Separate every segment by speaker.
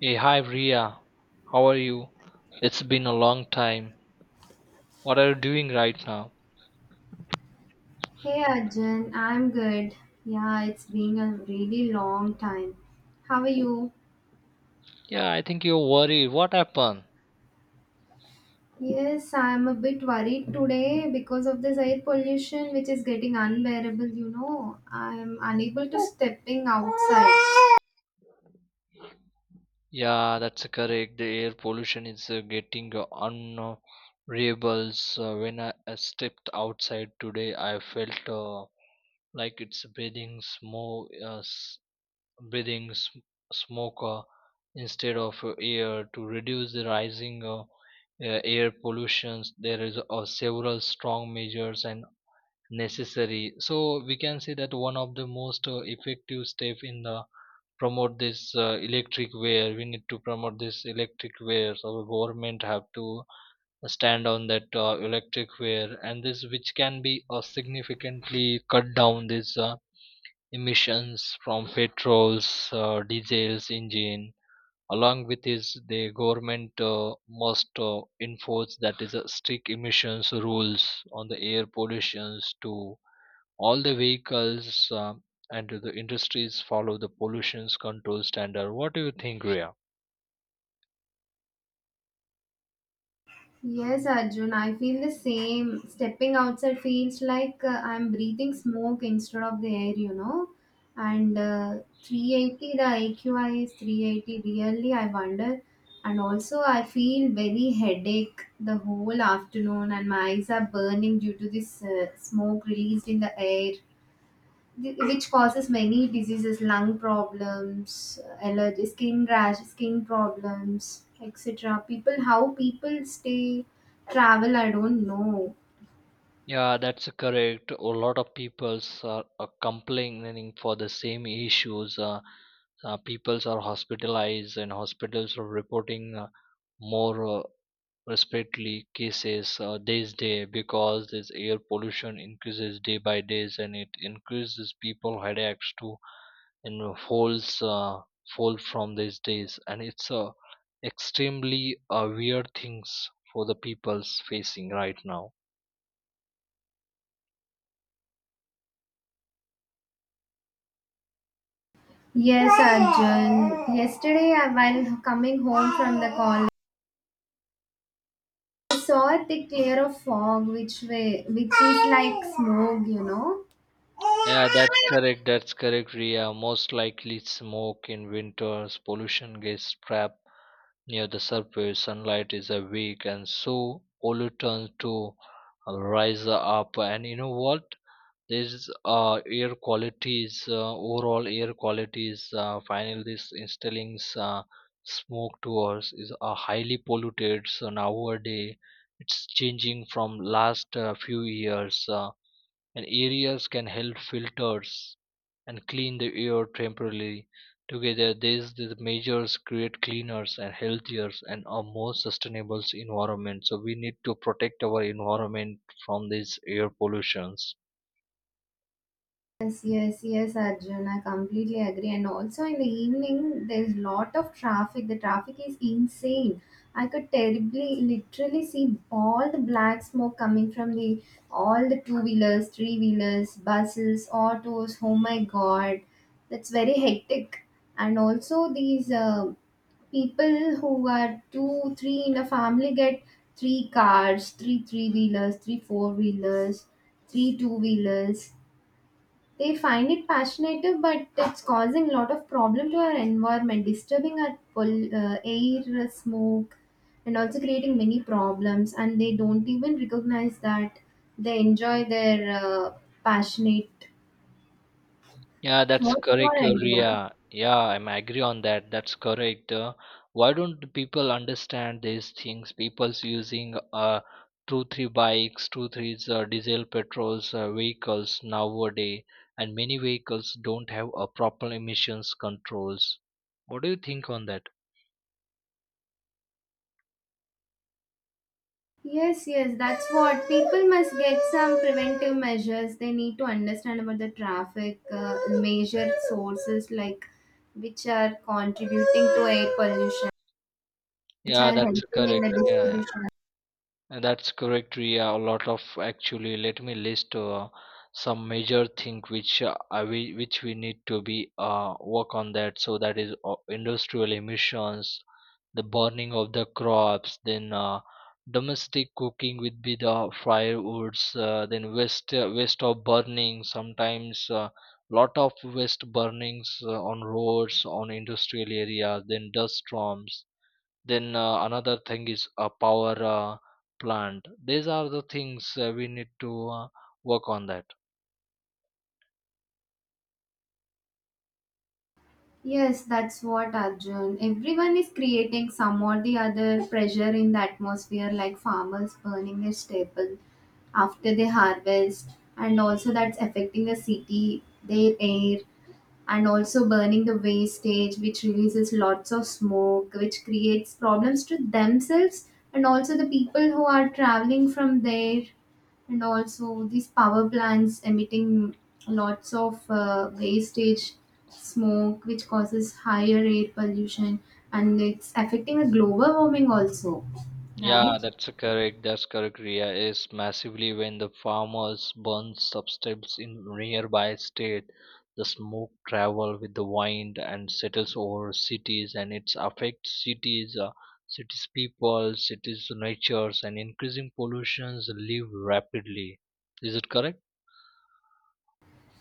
Speaker 1: Hey, hi Ria. How are you? It's been a long time. What are you doing right now?
Speaker 2: Hey Arjun, I'm good. Yeah, it's been a really long time. How are you?
Speaker 1: Yeah, I think you're worried. What happened?
Speaker 2: Yes, I'm a bit worried today because of this air pollution which is getting unbearable. I'm unable to stepping outside.
Speaker 1: Yeah, that's correct. The air pollution is getting unbearable. So when I stepped outside today, I felt like it's breathing smoke, breathing smoke instead of air. To reduce the rising air pollution, there is several strong measures and necessary, so we can say that one of the most effective step in the promote this electric wear. We need to promote this electric wear, so the government have to stand on that electric wear, and this which can be significantly cut down this emissions from petrols diesels engine. Along with this, the government must enforce that is a strict emissions rules on the air pollutions to all the vehicles, and the industries follow the pollution control standard. What do you think, Ria?
Speaker 2: Yes, Arjun, I feel the same. Stepping outside feels like I'm breathing smoke instead of the air. And 380, the AQI is 380, really, I wonder. And also, I feel very headache the whole afternoon, and my eyes are burning due to this smoke released in the air which causes many diseases, lung problems, allergy, skin rash, skin problems, etc. People, how people stay, travel, I don't know.
Speaker 1: Yeah, that's correct. A lot of peoples are complaining for the same issues. Peoples are hospitalized, and hospitals are reporting more respectively cases this day, because this air pollution increases day by days, and it increases people headaches too. Falls fall from these days, and it's a extremely weird things for the people's facing right now.
Speaker 2: Yes, Arjun, yesterday while coming home from the college, I saw a thick layer of fog which is like smoke.
Speaker 1: Yeah, that's correct. That's correct, Ria. Most likely smoke in winters, pollution gets trapped near the surface, sunlight is a weak, and so pollutants to rise up. And you know what? This air qualities, overall air qualities, finally this installing smoke to us is highly polluted. So nowadays it's changing from last few years. And areas can help filters and clean the air temporarily. Together, these measures create cleaners and healthier and a more sustainable environment. So we need to protect our environment from these air pollutions.
Speaker 2: Yes, yes, yes, Arjun. I completely agree. And also in the evening, there's lot of traffic. The traffic is insane. I could terribly, literally see all the black smoke coming from the all the two wheelers, three wheelers, buses, autos. Oh my God, that's very hectic. And also these people who are two, three in a family get three cars, three three wheelers, three four wheelers, three two wheelers. They find it passionate, but it's causing a lot of problem to our environment, disturbing our air, smoke, and also creating many problems. And they don't even recognize that they enjoy their passionate.
Speaker 1: Yeah, that's
Speaker 2: What's your
Speaker 1: correct,
Speaker 2: idea?
Speaker 1: Ria. Yeah, I'm agree on that. That's correct. Why don't the people understand these things? People's using two three bikes, two three diesel petrols vehicles nowadays, and many vehicles don't have a proper emissions controls. What do you think on that?
Speaker 2: Yes, yes, that's what people must get some preventive measures. They need to understand about the traffic, major sources, like which are contributing to air pollution, which
Speaker 1: Yeah,
Speaker 2: are
Speaker 1: that's
Speaker 2: helping in
Speaker 1: correct.
Speaker 2: the
Speaker 1: Yeah, yeah.
Speaker 2: distribution.
Speaker 1: That's correct, Ria. A lot of, actually, let me list some major thing which we which we need to be work on that. So that is industrial emissions, the burning of the crops, then domestic cooking with be the firewoods, then waste of burning. Sometimes lot of waste burnings on roads, on industrial areas, then dust storms, then another thing is a power plant. These are the things we need to work on that.
Speaker 2: Yes, that's what, Arjun. Everyone is creating some or the other pressure in the atmosphere, like farmers burning their staple after they harvest, and also that's affecting the city, their air, and also burning the wastage which releases lots of smoke which creates problems to themselves and also the people who are traveling from there, and also these power plants emitting lots of wastage smoke which causes higher air pollution, and it's affecting the global warming also,
Speaker 1: Yeah,
Speaker 2: right?
Speaker 1: that's a correct. That's correct, Ria. Is massively when the farmers burn substance in nearby state, the smoke travel with the wind and settles over cities, and it affects cities, cities people, cities natures, and increasing pollutions live rapidly. Is it correct?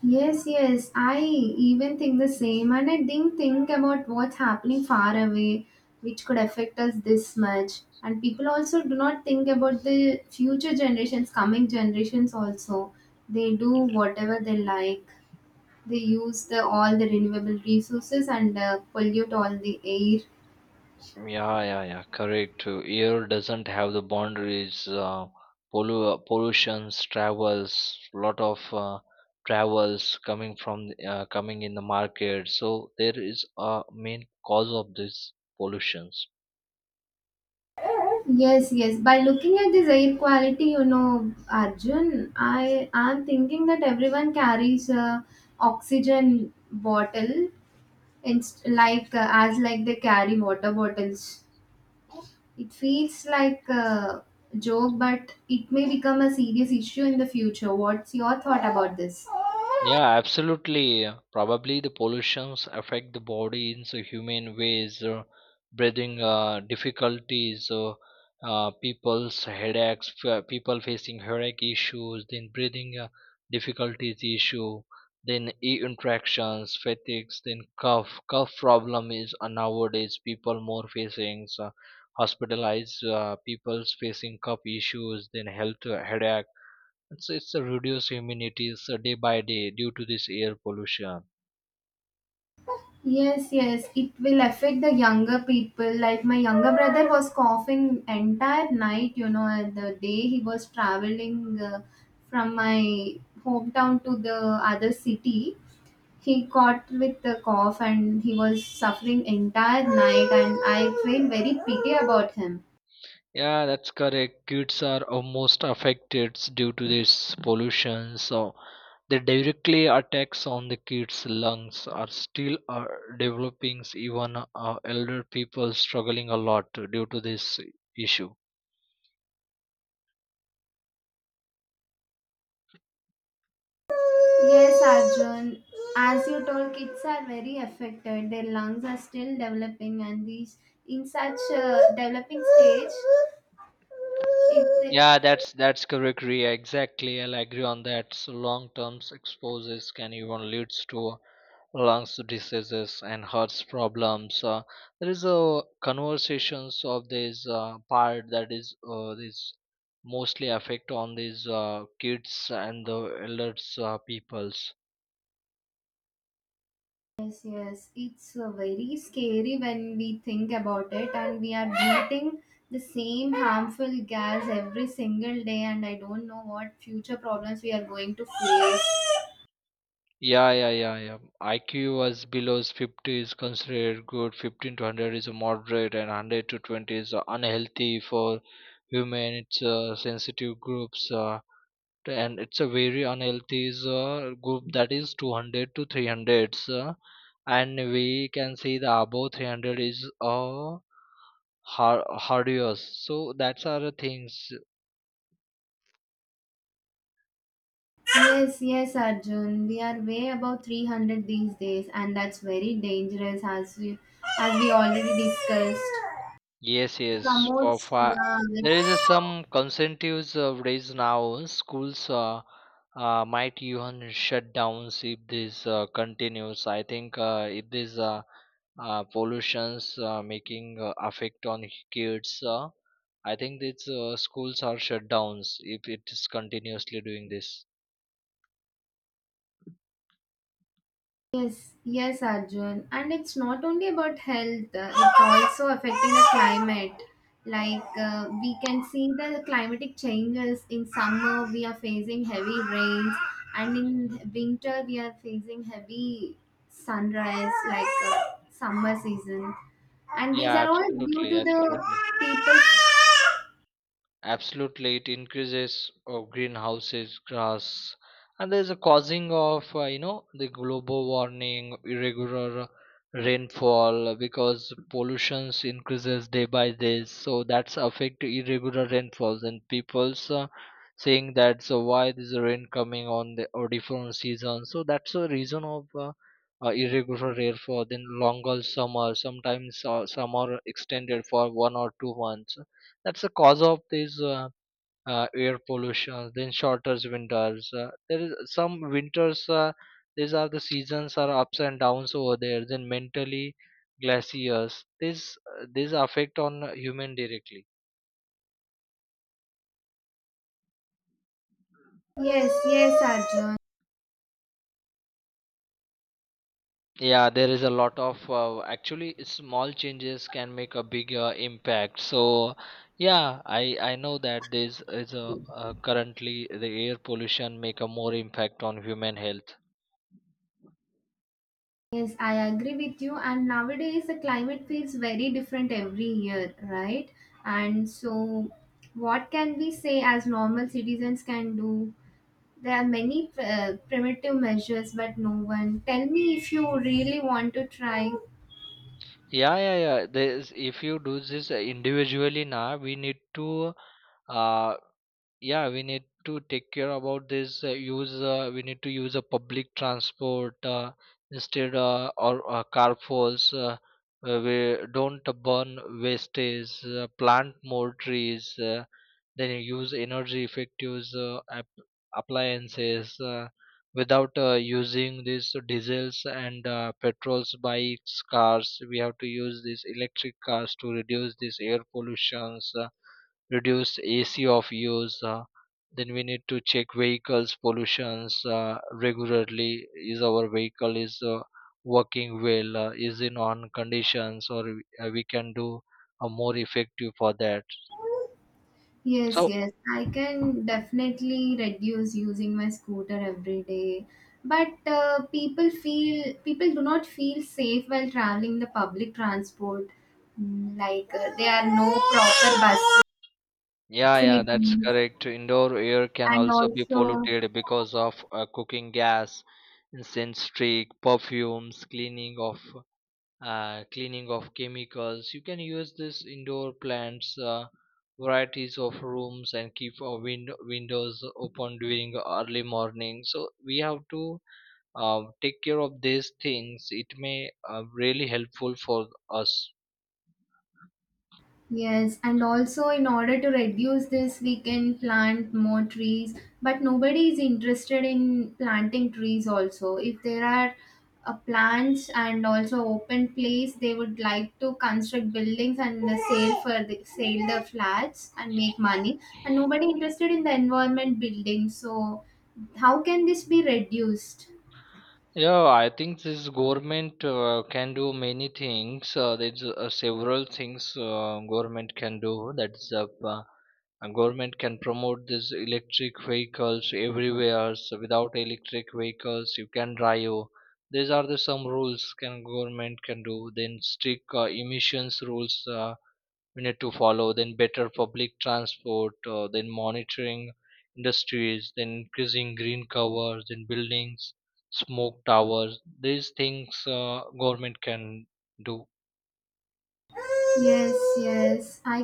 Speaker 2: Yes, yes, I even think the same, and I didn't think about what's happening far away, which could affect us this much. And people also do not think about the future generations, coming generations also. They do whatever they like. They use the all the renewable resources and pollute all the air.
Speaker 1: Yeah, yeah, yeah, correct. Air doesn't have the boundaries. Pollutions, travels, lot of travels coming coming in the market. So there is a main cause of this pollution.
Speaker 2: Yes, yes. By looking at this air quality, you know, Arjun, I am thinking that everyone carries a oxygen bottle. It's like as like they carry water bottles. It feels like a joke, but it may become a serious issue in the future. What's your thought about this?
Speaker 1: Yeah, absolutely. Probably the pollutions affect the body in so humane ways, breathing difficulties, people's headaches, people facing headache issues, then breathing difficulties issue, then e interactions, fatigues, then cough. Cough problem is nowadays people more facing, so hospitalized people's facing cough issues, then health headache. It's a reduced immunities day by day due to this air pollution.
Speaker 2: Yes, yes, it will affect the younger people. Like my younger brother was coughing entire night, and the day he was traveling from my hometown to the other city. He caught with the cough and he was suffering entire night, and I feel very pity about him.
Speaker 1: Yeah, that's correct. Kids are almost affected due to this pollution, so the directly attacks on the kids' lungs are still developing. Even elder people struggling a lot due to this issue.
Speaker 2: Yes, Arjun, as you told, kids are very affected, their lungs are still developing, and these, in such a developing stage, it.
Speaker 1: Yeah, that's correct, Ria. Exactly, I'll agree on that. So long-term exposures can even leads to lungs diseases and heart problems. There is a conversations of this part, that is this mostly affect on these kids and the elders peoples.
Speaker 2: Yes, yes, it's very scary when we think about it, and we are breathing the same harmful gas every single day, and I don't know what future problems we are going to face.
Speaker 1: Yeah, yeah, yeah, yeah. IQ was below 50 is considered good, 15 to 100 is a moderate, and 100 to 20 is unhealthy for human. It's sensitive groups, and it's a very unhealthy is, group, that is 200 to 300. And we can see the above 300 is hardios. So that's our things.
Speaker 2: Yes, yes, Arjun. We are way above 300 these days, and that's very dangerous as we already discussed.
Speaker 1: Yes, yes. For
Speaker 2: Promotes,
Speaker 1: far,
Speaker 2: yeah,
Speaker 1: there is a
Speaker 2: like.
Speaker 1: some concerns raised now. Schools might even shut down if this continues. I think if this pollutions making affect on kids, I think these schools are shut downs if it is continuously doing this.
Speaker 2: Yes, yes, Arjun. And it's not only about health, it's also affecting the climate. Like we can see the climatic changes. In summer, we are facing heavy rains, and in winter, we are facing heavy sunrise, like summer season. And these
Speaker 1: Yeah,
Speaker 2: are all due
Speaker 1: absolutely,
Speaker 2: to the
Speaker 1: absolutely.
Speaker 2: people.
Speaker 1: Absolutely, it increases of greenhouses, grass, and there is a causing of, you know, the global warming, irregular rainfall, because pollutions increases day by day. So that's affect irregular rainfalls, and people's saying that, so why this rain coming on the or different season. So that's a reason of irregular rainfall. Then longer summer, sometimes summer extended for 1 or 2 months, that's the cause of these air pollution, then shorter winters. There is some winters. These are the seasons are ups and downs over there. Then mentally glaciers. This affect on human directly.
Speaker 2: Yes, yes, Arjun.
Speaker 1: Yeah, there is a lot of, actually, small changes can make a big impact. So yeah, I know that this is a currently the air pollution make a more impact on human health.
Speaker 2: Yes, I agree with you. And nowadays, the climate feels very different every year, right? And so, what can we say as normal citizens can do? There are many primitive measures, but no one. Tell me if you really want to try.
Speaker 1: Yeah, yeah, yeah. There's, if you do this individually now, we need to uh, yeah, we need to take care about this use, we need to use a public transport instead, or carpools. We don't burn wastage, plant more trees, then you use energy effective appliances, without using these diesels and petrols bikes cars. We have to use these electric cars to reduce these air pollutions, reduce ac of use, then we need to check vehicles pollutions regularly. Is our vehicle is working well, is in on conditions, or we can do more effective for that.
Speaker 2: Yes,
Speaker 1: So
Speaker 2: yes, I can definitely reduce using my scooter every day. But people do not feel safe while traveling the public transport. Like there are no proper bus
Speaker 1: yeah, yeah, that's
Speaker 2: facilities,
Speaker 1: correct. Indoor air can
Speaker 2: and
Speaker 1: also be
Speaker 2: also.
Speaker 1: polluted because of cooking gas, incense stick, perfumes, cleaning of chemicals. You can use this indoor plants, varieties of rooms, and keep our windows open during early morning. So we have to take care of these things. It may really helpful for us.
Speaker 2: Yes, and also in order to reduce this, we can plant more trees. But nobody is interested in planting trees also. If there are plants and also open place, they would like to construct buildings and sell the flats and make money. And nobody interested in the environment building. So how can this be reduced?
Speaker 1: Yeah, I think this government can do many things. There's several things government can do. That's government can promote this electric vehicles everywhere. So without electric vehicles, you can drive. These are the some rules can government can do. Then strict emissions rules. We need to follow, then better public transport, then monitoring industries, then increasing green covers, then buildings smoke towers. These things government can do.
Speaker 2: Yes, yes, I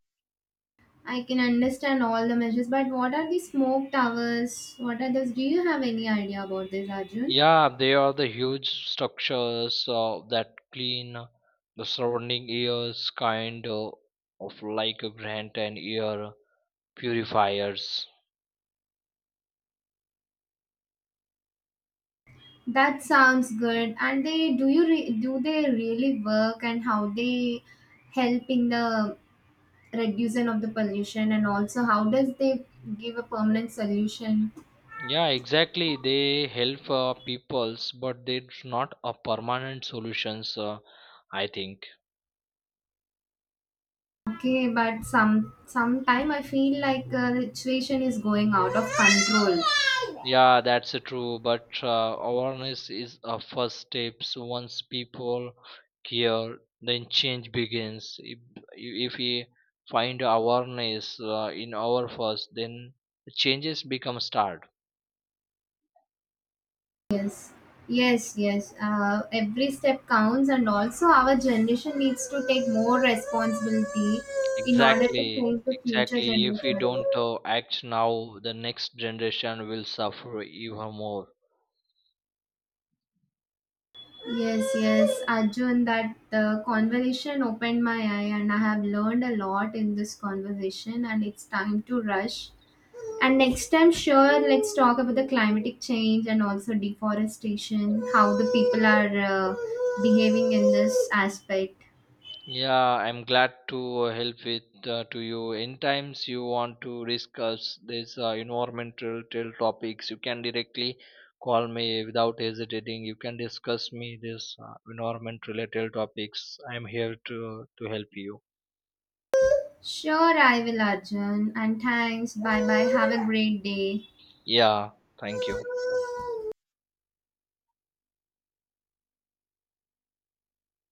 Speaker 2: I can understand all the measures, but what are the smoke towers? What are those? Do you have any idea about this, Arjun?
Speaker 1: Yeah, they are the huge structures that clean the surrounding airs, kind of like a grant and air purifiers.
Speaker 2: That sounds good. And they do you re, do they really work, and how they help in the reduction of the pollution, and also how does they give a permanent solution?
Speaker 1: Yeah, exactly. They help peoples, but it's not a permanent solutions. I think.
Speaker 2: Okay, but sometime I feel like the situation is going out of control.
Speaker 1: Yeah, that's true. But awareness is a first steps. Once people care, then change begins. If we find awareness in our first, then changes become start.
Speaker 2: Yes, yes, yes. Every step counts, and also our generation needs to take more responsibility in order to
Speaker 1: Exactly,
Speaker 2: change the future
Speaker 1: exactly. If we
Speaker 2: generation.
Speaker 1: don't act now, the next generation will suffer even more.
Speaker 2: Yes, yes, Arjun, that conversation opened my eye, and I have learned a lot in this conversation, and it's time to rush. And next time, sure, let's talk about the climatic change and also deforestation, how the people are behaving in this aspect.
Speaker 1: Yeah, I'm glad to help with to you. In times you want to discuss this environmental till topics, you can directly call me without hesitating. You can discuss me this environment related topics. I'm here to help you.
Speaker 2: Sure, I will, Arjun. And thanks. Bye bye. Have a great day.
Speaker 1: Yeah, thank you.